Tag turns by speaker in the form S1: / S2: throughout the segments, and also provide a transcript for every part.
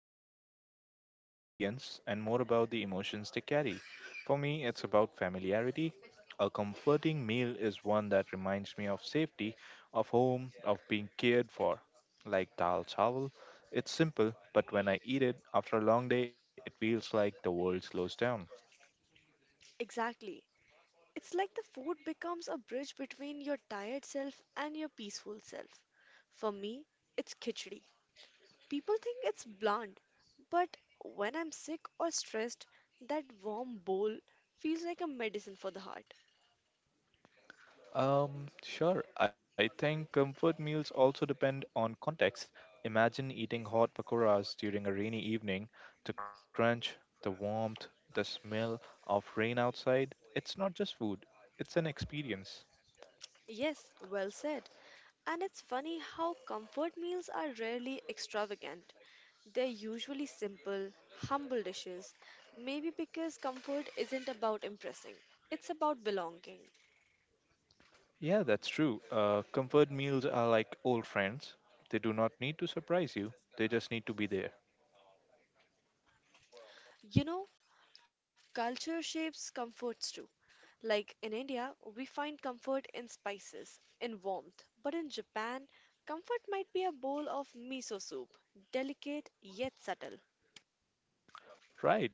S1: comfort meals are less about the ingredients and more about the emotions they carry. For me, it's about familiarity. A comforting meal is one that reminds me of safety, of home, of being cared for. Like dal chawal, it's simple, but when I eat it after a long day, it feels like the world slows down.
S2: Exactly. It's like the food becomes a bridge between your tired self and your peaceful self. For me, it's khichdi. People think it's bland, but when I'm sick or stressed, that warm bowl feels like a medicine for the heart.
S1: Sure. I think comfort meals also depend on context. Imagine eating hot pakoras during a rainy evening. The crunch, the warmth, the smell of rain outside. It's not just food, it's an experience.
S2: Yes, well said. And it's funny how comfort meals are rarely extravagant. They're usually simple, humble dishes, maybe because comfort isn't about impressing, it's about belonging.
S1: Yeah, that's true. Comfort meals are like old friends. They do not need to surprise you, they just need to be there.
S2: You know, culture shapes comforts too. Like in India, we find comfort in spices, in warmth. But in Japan, comfort might be a bowl of miso soup, delicate yet subtle.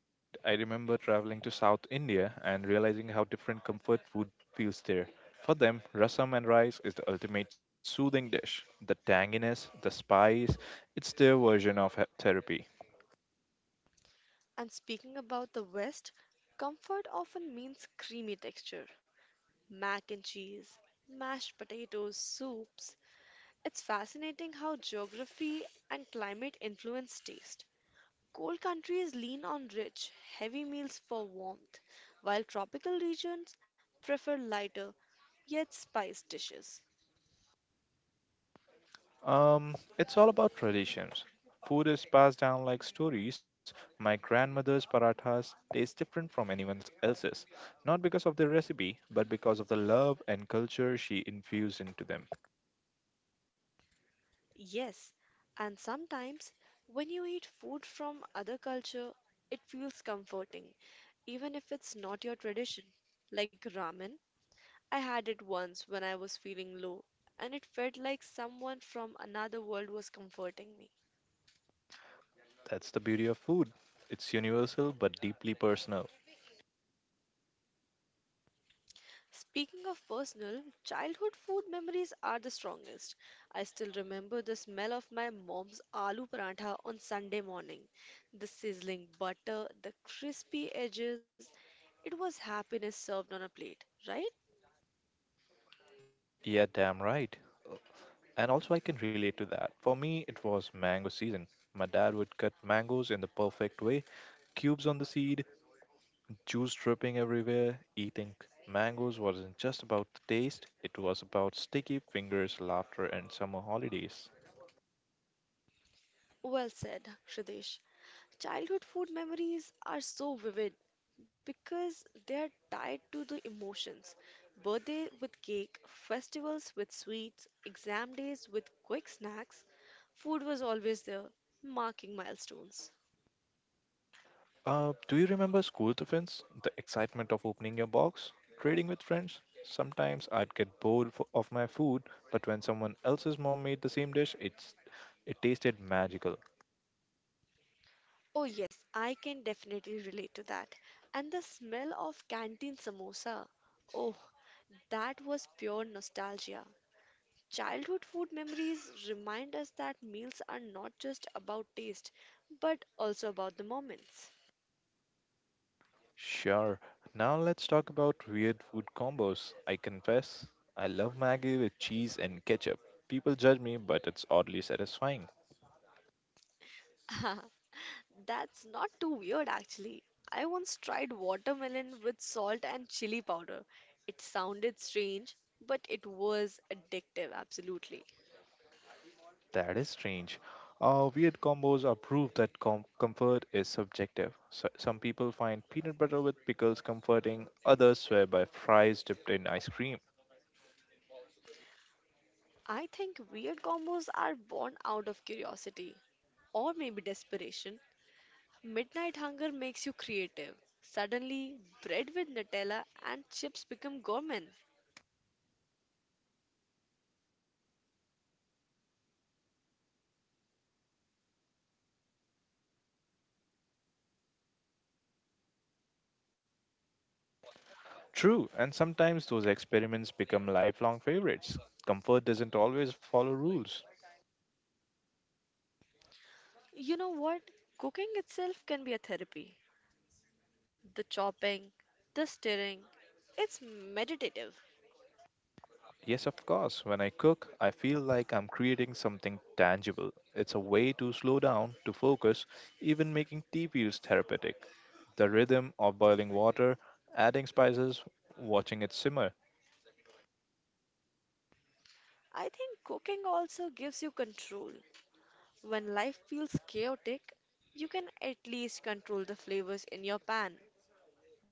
S1: Right. I remember traveling to South India and realizing how different comfort food feels there. For them, rasam and rice is the ultimate soothing dish. The tanginess, the spice, it's their version of therapy.
S2: And speaking about the West, comfort often means creamy texture, mac and cheese, mashed potatoes, soups. It's fascinating how geography and climate influence taste. Cold countries lean on rich, heavy meals for warmth, while tropical regions prefer lighter, yet spice dishes.
S1: It's all about traditions. Food is passed down like stories. My grandmother's parathas taste different from anyone else's, not because of the recipe, but because of the love and culture she infused into them.
S2: Yes, and sometimes when you eat food from other culture, it feels comforting, even if it's not your tradition. Like ramen, I had it once when I was feeling low, and it felt like someone from another world was comforting me.
S1: That's the beauty of food. It's universal but deeply personal.
S2: Speaking of personal, childhood food memories are the strongest. I still remember the smell of my mom's aloo paratha on Sunday morning, the sizzling butter, the crispy edges. It was happiness served on a plate, right?
S1: Yeah, damn right. And also, I can relate to that. For me, it was mango season. My dad would cut mangoes in the perfect way cubes on the seed, juice dripping everywhere. Eating mangoes wasn't just about the taste, it was about sticky fingers, laughter, and summer holidays.
S2: Well said, Shridesh. Childhood food memories are so vivid because they are tied to the emotions. Birthday with cake, festivals with sweets, exam days with quick snacks. Food was always there, marking milestones.
S1: Do you remember school defense? The excitement of opening your box? Trading with friends? Sometimes I'd get bored of my food, but when someone else's mom made the same dish, it tasted magical.
S2: Oh, yes, I can definitely relate to that. And the smell of canteen samosa. Oh, that was pure nostalgia. Childhood food memories remind us that meals are not just about taste, but also about the moments.
S1: Sure. Now let's talk about weird food combos. I confess, I love Maggie with cheese and ketchup. People judge me, but it's oddly satisfying.
S2: That's not too weird actually. I once tried watermelon with salt and chili powder. It sounded strange, but it was addictive, absolutely.
S1: That is strange. Weird combos are proof that comfort is subjective. Some people find peanut butter with pickles comforting, others swear by fries dipped in ice cream.
S2: I think weird combos are born out of curiosity or maybe desperation. Midnight hunger makes you creative. Suddenly, bread with Nutella and chips become gourmet.
S1: True, and sometimes those experiments become lifelong favorites. Comfort doesn't always follow rules.
S2: You know what? Cooking itself can be a therapy. The chopping, the stirring, it's meditative.
S1: Yes, of course. When I cook, I feel like I'm creating something tangible. It's a way to slow down, to focus, even making tea feels therapeutic. The rhythm of boiling water, adding spices, watching it simmer,
S2: I think cooking also gives you control. When life feels chaotic, you can at least control the flavors in your pan,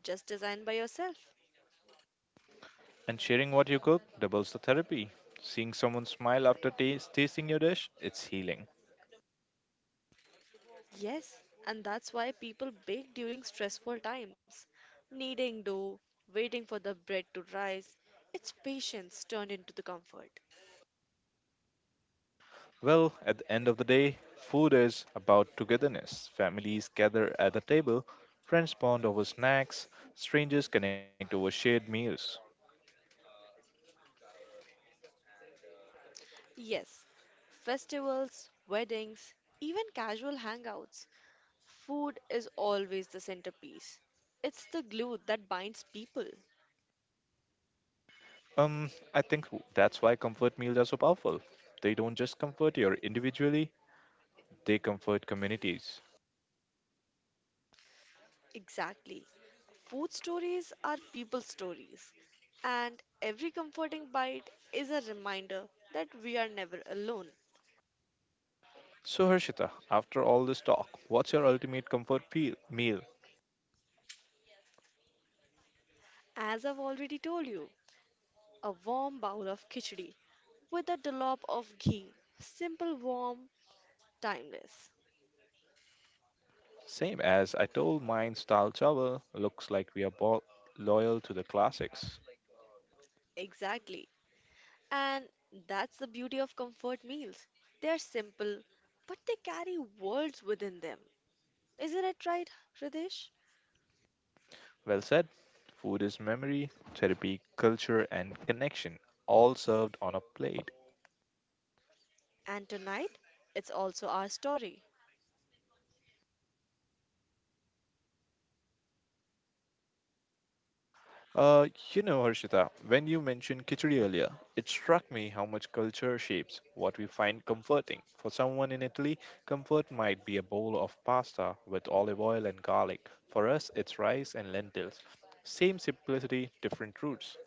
S2: just designed by yourself.
S1: and sharing what you cook doubles the therapy. Seeing someone smile after tasting your dish, it's healing.
S2: Yes, and that's why people bake during stressful times. Kneading dough, waiting for the bread to rise, it's patience turned into the comfort.
S1: Well, at the end of the day, food is about togetherness. Families gather at the table, friends bond over snacks, strangers connect over shared meals.
S2: Yes, festivals, weddings, even casual hangouts, food is always the centerpiece. It's the glue that binds people.
S1: I think that's why comfort meals are so powerful. They don't just comfort you individually, they comfort communities.
S2: Exactly. Food stories are people stories, and every comforting bite is a reminder that we are never alone.
S1: So, Harshita, after all this talk, what's your ultimate comfort meal?
S2: As I've already told you, a warm bowl of khichdi with a dollop of ghee. Simple, warm, timeless.
S1: Same as I told mine, style chawal. Looks like we are loyal to the classics.
S2: Exactly. And that's the beauty of comfort meals. They are simple, but they carry worlds within them. Isn't it right, Hridesh?
S1: Well said. Food is memory, therapy, culture, and connection, all served on a plate.
S2: And tonight, it's also our story.
S1: Uh, you know, Harshita, when you mentioned khichdi earlier, it struck me how much culture shapes what we find comforting. For someone in Italy, comfort might be a bowl of pasta with olive oil and garlic. For us, it's rice and lentils. Same simplicity, different roots.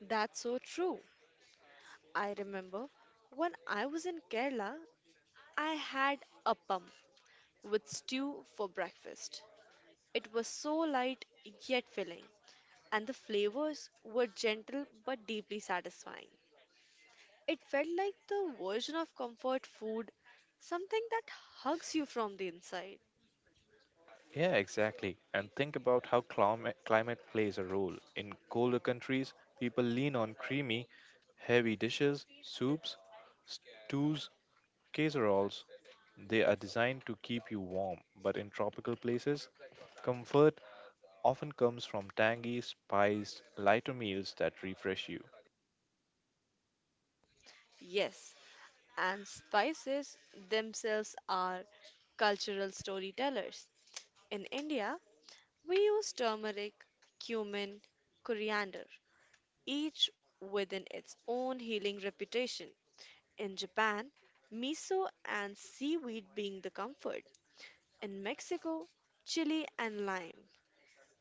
S2: That's so true. I remember when I was in Kerala, I had appam with stew for breakfast. It was so light yet filling, and the flavors were gentle but deeply satisfying. It felt like the version of comfort food, something that hugs you from the inside.
S1: Yeah, exactly. And think about how climate plays a role. In colder countries, people lean on creamy, heavy dishes, soups, stews, casseroles. They are designed to keep you warm, but in tropical places, comfort often comes from tangy, spiced, lighter meals that refresh you.
S2: Yes, and spices themselves are cultural storytellers. In India, we use turmeric, cumin, coriander each within its own healing reputation. In Japan, miso and seaweed being the comfort. In Mexico, chili and lime.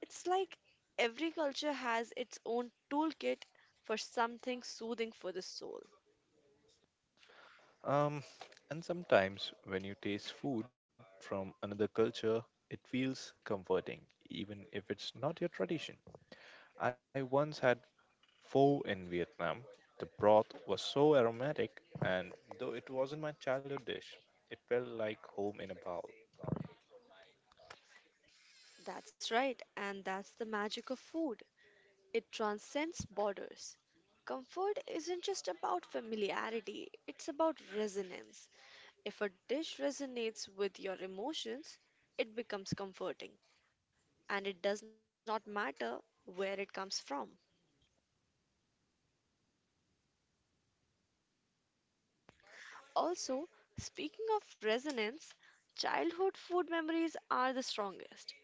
S2: It's like every culture has its own toolkit for something soothing for the soul.
S1: Um, and sometimes when you taste food from another culture, it feels comforting, even if it's not your tradition. I once had pho in Vietnam. The broth was so aromatic, and though it wasn't my childhood dish, it felt like home in a bowl.
S2: That's right, and that's the magic of food. It transcends borders. Comfort isn't just about familiarity, it's about resonance. If a dish resonates with your emotions, it becomes comforting, and it does not matter where it comes from. Also, speaking of resonance, childhood food memories are the strongest.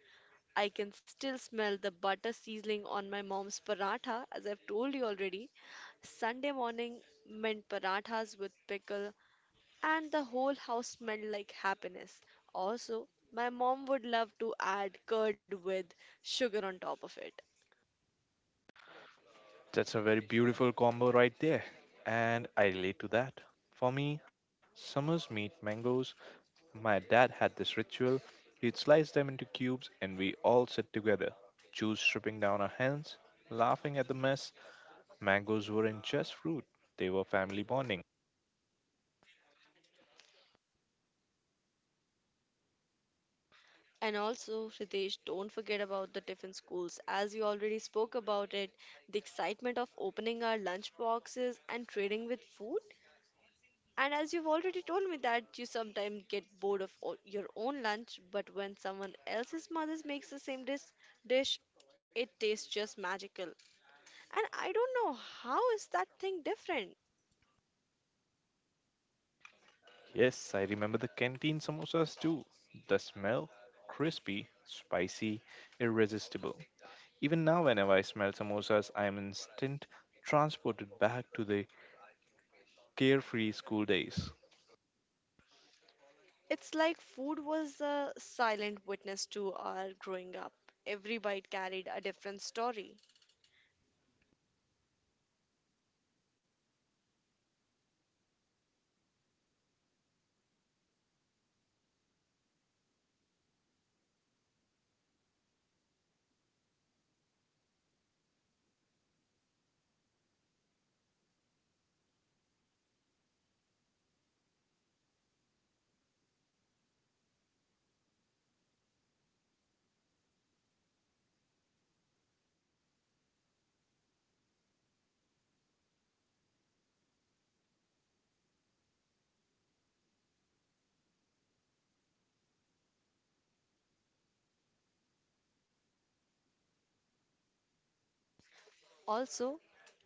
S2: I can still smell the butter sizzling on my mom's paratha, as I've told you already. Sunday morning meant parathas with pickle, and the whole house smelled like happiness. Also, my mom would love to add curd with sugar on top of it.
S1: That's a very beautiful combo right there. And I relate to that. For me, summers meet mangoes. My dad had this ritual. He'd slice them into cubes and we all sit together, juice dripping down our hands, laughing at the mess. Mangoes weren't just fruit, they were family bonding.
S2: And also, Ritesh, don't forget about the tiffin schools. As you already spoke about it, the excitement of opening our lunch boxes and trading with food. And as you've already told me that you sometimes get bored of your own lunch, but when someone else's mother makes the same dish, it tastes just magical. And I don't know how is that thing different.
S1: Yes, I remember the canteen samosas too. The smell, crispy, spicy, irresistible. Even now, whenever I smell samosas, I am instant transported back to the carefree school days.
S2: It's like food was a silent witness to our growing up. Every bite carried a different story. Also,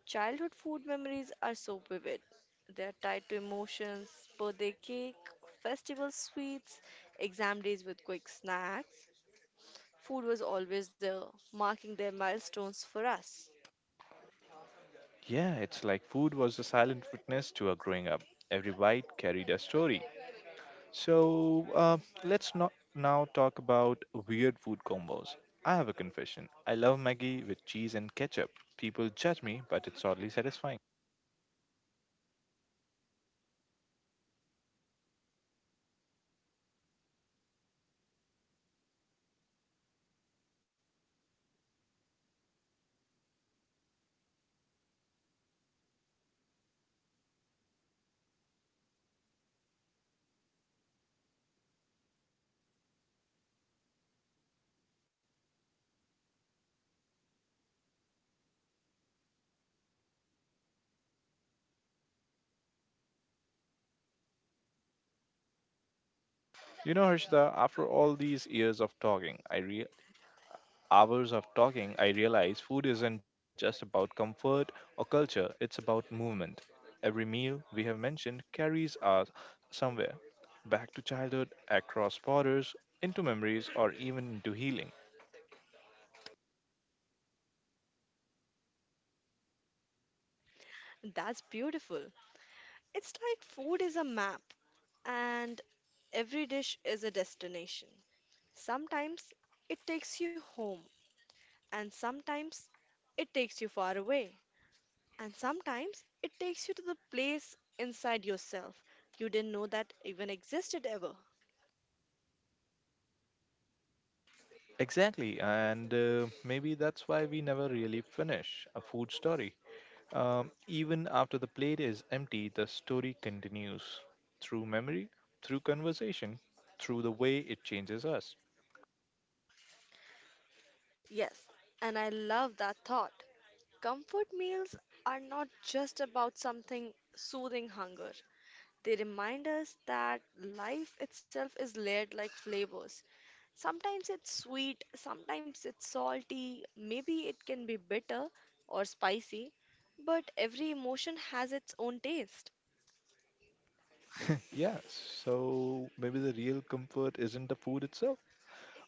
S2: childhood food memories are so vivid. They are tied to emotions, birthday cake, festival sweets, exam days with quick snacks. Food was always there, marking their milestones for us.
S1: Yeah, it's like food was a silent witness to our growing up. Every bite carried a story. So let's not now talk about weird food combos. I have a confession. I love Maggie with cheese and ketchup. People judge me, but it's oddly satisfying. You know, Harshita, after all these years of talking, hours of talking, I realized food isn't just about comfort or culture, it's about movement. Every meal we have mentioned carries us somewhere back to childhood, across borders, into memories, or even into healing.
S2: That's beautiful. It's like food is a map, and every dish is a destination. Sometimes it takes you home, and sometimes it takes you far away. And sometimes it takes you to the place inside yourself you didn't know that even existed ever.
S1: Exactly, and maybe that's why we never really finish a food story. Even after the plate is empty, the story continues through memory, through conversation, through the way it changes us.
S2: Yes, and I love that thought. Comfort meals are not just about something soothing hunger, they remind us that life itself is layered like flavors. Sometimes it's sweet, sometimes it's salty, maybe it can be bitter or spicy, but every emotion has its own taste.
S1: Yeah, so maybe the real comfort isn't the food itself,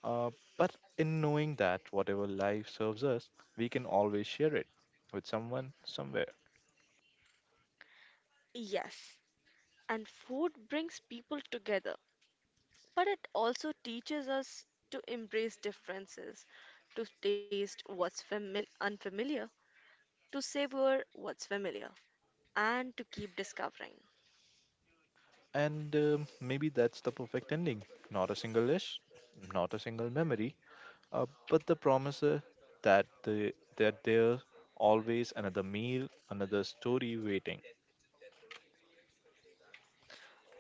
S1: uh, but in knowing that whatever life serves us, we can always share it with someone somewhere.
S2: Yes, and food brings people together, but it also teaches us to embrace differences, to taste unfamiliar, to savor what's familiar, and to keep discovering.
S1: And maybe that's the perfect ending. Not a single dish, not a single memory, but the promise that the that there's always another meal, another story waiting.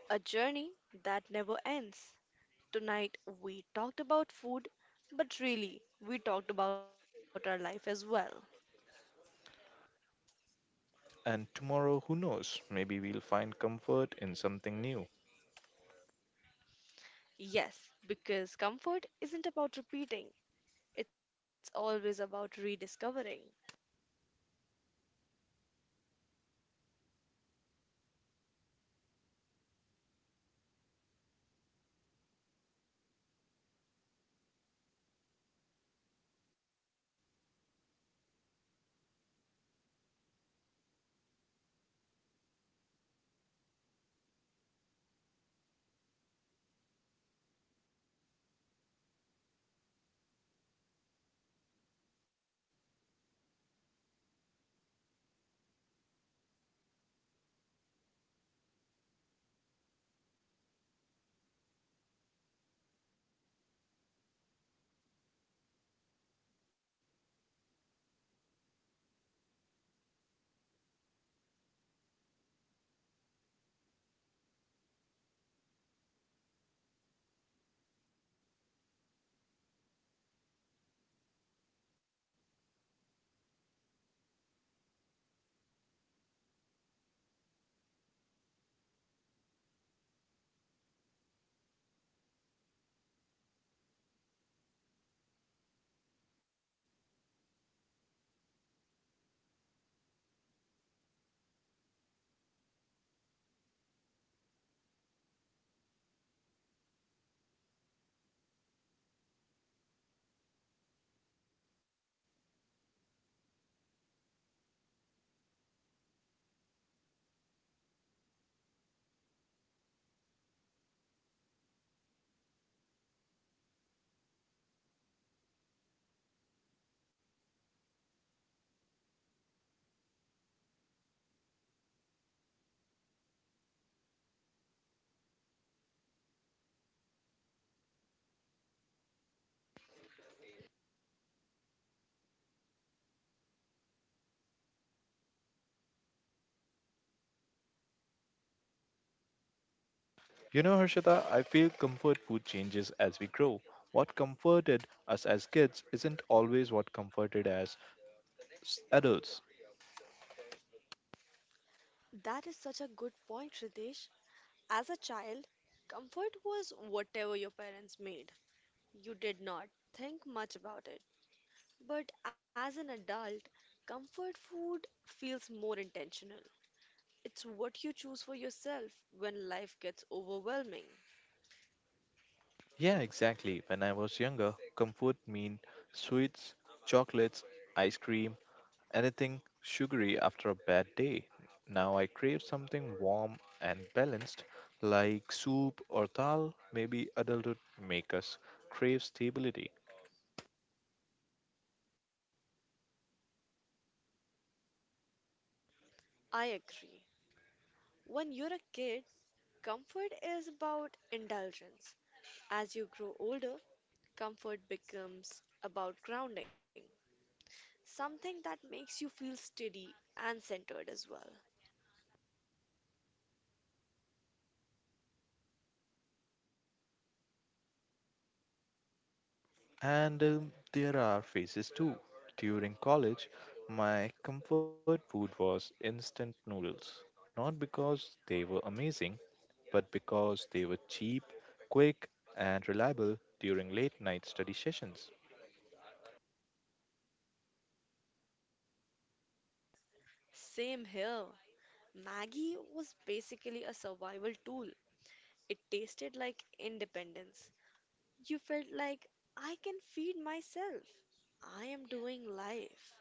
S2: A journey that never ends. Tonight, we talked about food, but really, we talked about our life as well.
S1: And tomorrow, who knows? Maybe we'll find comfort in something new.
S2: Yes, because comfort isn't about repeating, it's always about rediscovering.
S1: You know, Harshita, I feel comfort food changes as we grow. What comforted us as kids isn't always what comforted us as adults.
S2: That is such a good point, Shridesh. As a child, comfort was whatever your parents made. You did not think much about it. But as an adult, comfort food feels more intentional. It's what you choose for yourself when life gets overwhelming.
S1: Yeah, exactly. When I was younger, comfort meant sweets, chocolates, ice cream, anything sugary after a bad day. Now I crave something warm and balanced, like soup or dal. Maybe adulthood makes us crave stability.
S2: I agree. When you're a kid, comfort is about indulgence. As you grow older, comfort becomes about grounding, something that makes you feel steady and centered as well.
S1: And there are phases too. During college, my comfort food was instant noodles. Not because they were amazing, but because they were cheap, quick, and reliable during late night study sessions.
S2: Same here. Maggie was basically a survival tool. It tasted like independence. You felt like, I can feed myself. I am doing life.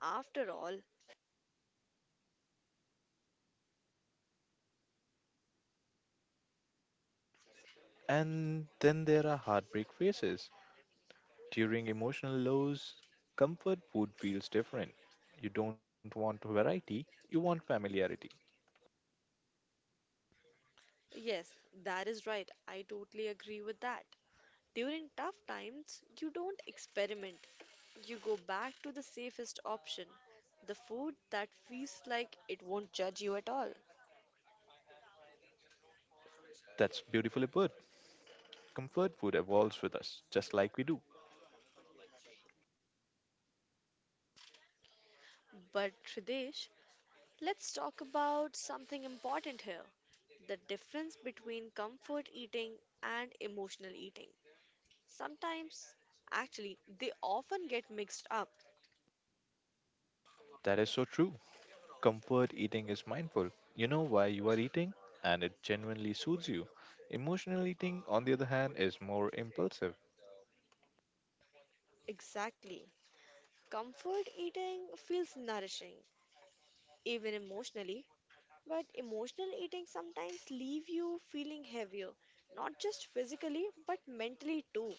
S2: After all,
S1: And then there are heartbreak phases. During emotional lows, comfort food feels different. You don't want variety, you want familiarity.
S2: yes, that is right. I totally agree with that. During tough times, you don't experiment. You go back to the safest option, the food that feels like it won't judge you at all.
S1: That's beautifully put. Comfort food evolves with us, just like we do.
S2: But Tridesh, let's talk about something important here, the difference between comfort eating and emotional eating. Sometimes, actually, they often get mixed up.
S1: That is so true. Comfort eating is mindful. You know why you are eating, and it genuinely soothes you. Emotional eating, on the other hand, is more impulsive.
S2: Exactly. Comfort eating feels nourishing, even emotionally, but emotional eating sometimes leave you feeling heavier, not just physically, but mentally too.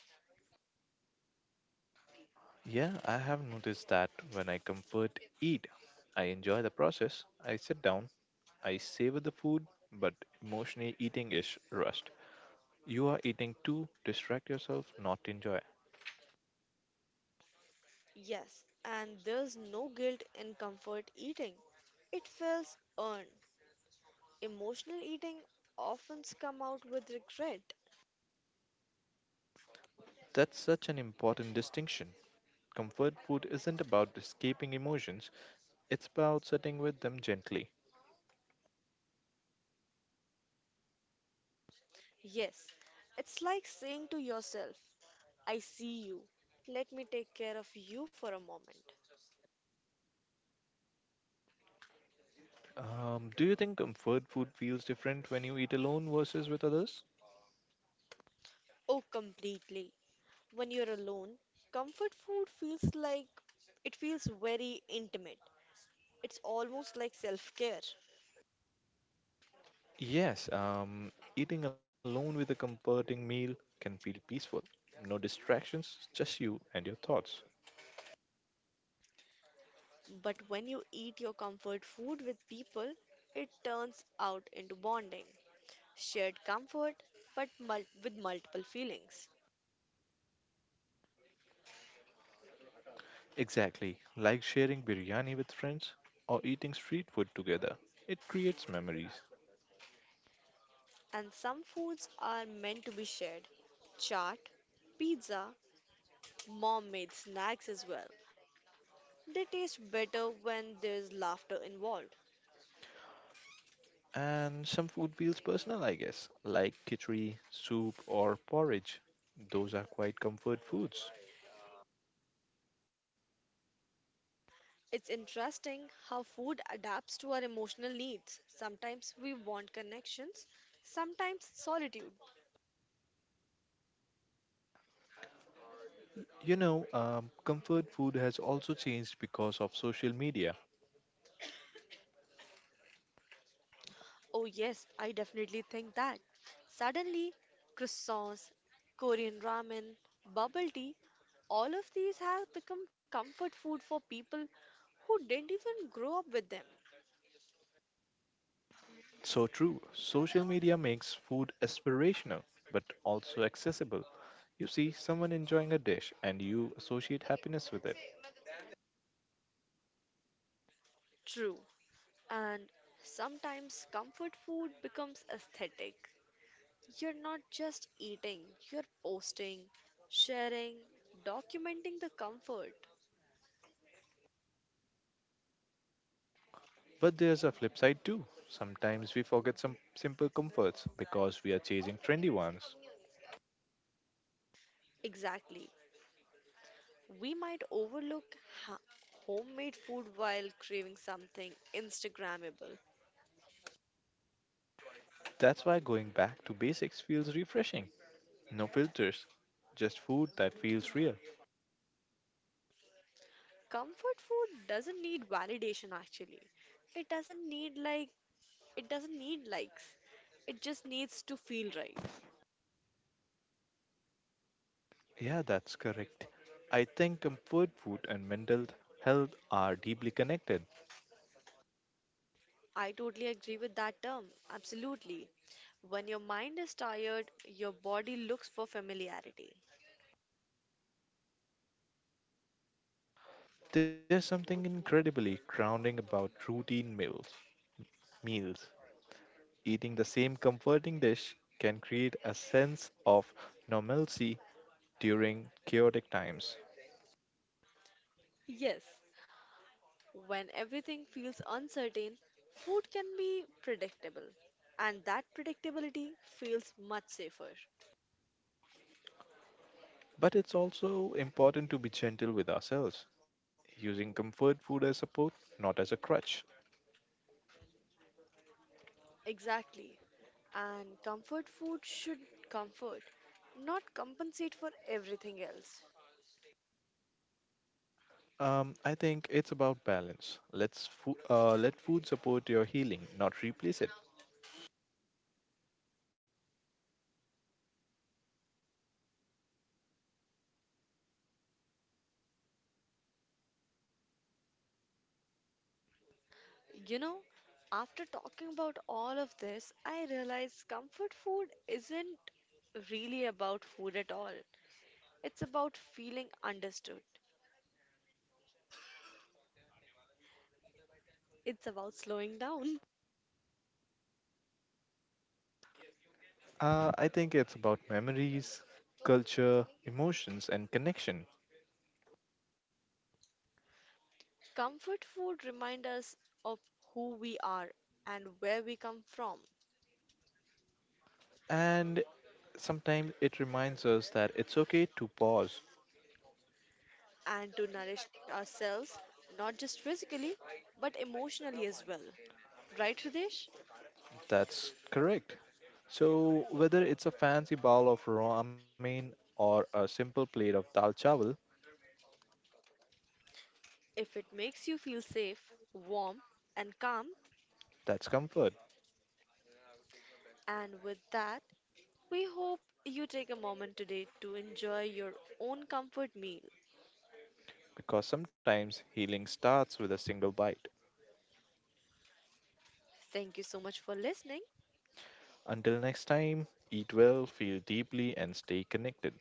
S1: Yeah, I have noticed that when I comfort eat, I enjoy the process. I sit down, I savor the food, but emotionally eating is rushed. You are eating to distract yourself, not to enjoy.
S2: Yes, and there's no guilt in comfort eating. It feels earned. Emotional eating often comes out with regret.
S1: That's such an important distinction. Comfort food isn't about escaping emotions, it's about sitting with them gently.
S2: Yes, it's like saying to yourself, I see you. Let me take care of you for a moment.
S1: Do you think comfort food feels different when you eat alone versus with others?
S2: Oh, completely. When you're alone, comfort food feels like it feels very intimate. It's almost like self care.
S1: Yes, eating alone with a comforting meal can feel peaceful. No distractions, just you and your thoughts.
S2: But when you eat your comfort food with people, it turns out into bonding, shared comfort, but with multiple feelings.
S1: Exactly, like sharing biryani with friends or eating street food together. It creates memories.
S2: And some foods are meant to be shared. Chaat, pizza, mom made snacks as well. They taste better when there's laughter involved.
S1: And some food feels personal, I guess, like khichdi, soup, or porridge. Those are quite comfort foods.
S2: It's interesting how food adapts to our emotional needs. Sometimes we want connections, sometimes solitude.
S1: You know, comfort food has also changed because of social media.
S2: Oh, yes, I definitely think that. Suddenly, croissants, Korean ramen, bubble tea, all of these have become comfort food for people who didn't even grow up with them.
S1: So true. Social media makes food aspirational, but also accessible. You see someone enjoying a dish and you associate happiness with it.
S2: True. And sometimes comfort food becomes aesthetic. You're not just eating, you're posting, sharing, documenting the comfort.
S1: But there's a flip side too. Sometimes we forget some simple comforts because we are chasing trendy ones.
S2: Exactly. We might overlook ha- homemade food while craving something Instagrammable.
S1: That's why going back to basics feels refreshing. No filters, just food that feels real.
S2: Comfort food doesn't need validation actually. It doesn't need like it doesn't need likes. It just needs to feel right.
S1: Yeah, that's correct. I think comfort food and mental health are deeply connected.
S2: I totally agree with that term. Absolutely. When your mind is tired, your body looks for familiarity.
S1: There's something incredibly grounding about routine meals. Meals. Eating the same comforting dish can create a sense of normalcy during chaotic times.
S2: Yes, when everything feels uncertain, food can be predictable, and that predictability feels much safer.
S1: But it's also important to be gentle with ourselves, using comfort food as support, not as a crutch.
S2: Exactly. And comfort food should comfort, not compensate for everything else.
S1: I think it's about balance. Let food support your healing, not replace it.
S2: You know, after talking about all of this, I realize comfort food isn't really about food at all. It's about feeling understood. It's about slowing down.
S1: I think it's about memories, culture, emotions, and connection.
S2: Comfort food reminds us of who we are and where we come from,
S1: And sometimes it reminds us that it's okay to pause.
S2: and to nourish ourselves, not just physically, but emotionally as well. Right, Hridesh?
S1: That's correct. So, whether it's a fancy bowl of ramen or a simple plate of dal chawal,
S2: If it makes you feel safe, warm, and calm,
S1: that's comfort
S2: and with that, we hope you take a moment today to enjoy your own comfort meal.
S1: because sometimes healing starts with a single bite.
S2: Thank you so much for listening.
S1: Until next time, eat well, feel deeply, and stay connected.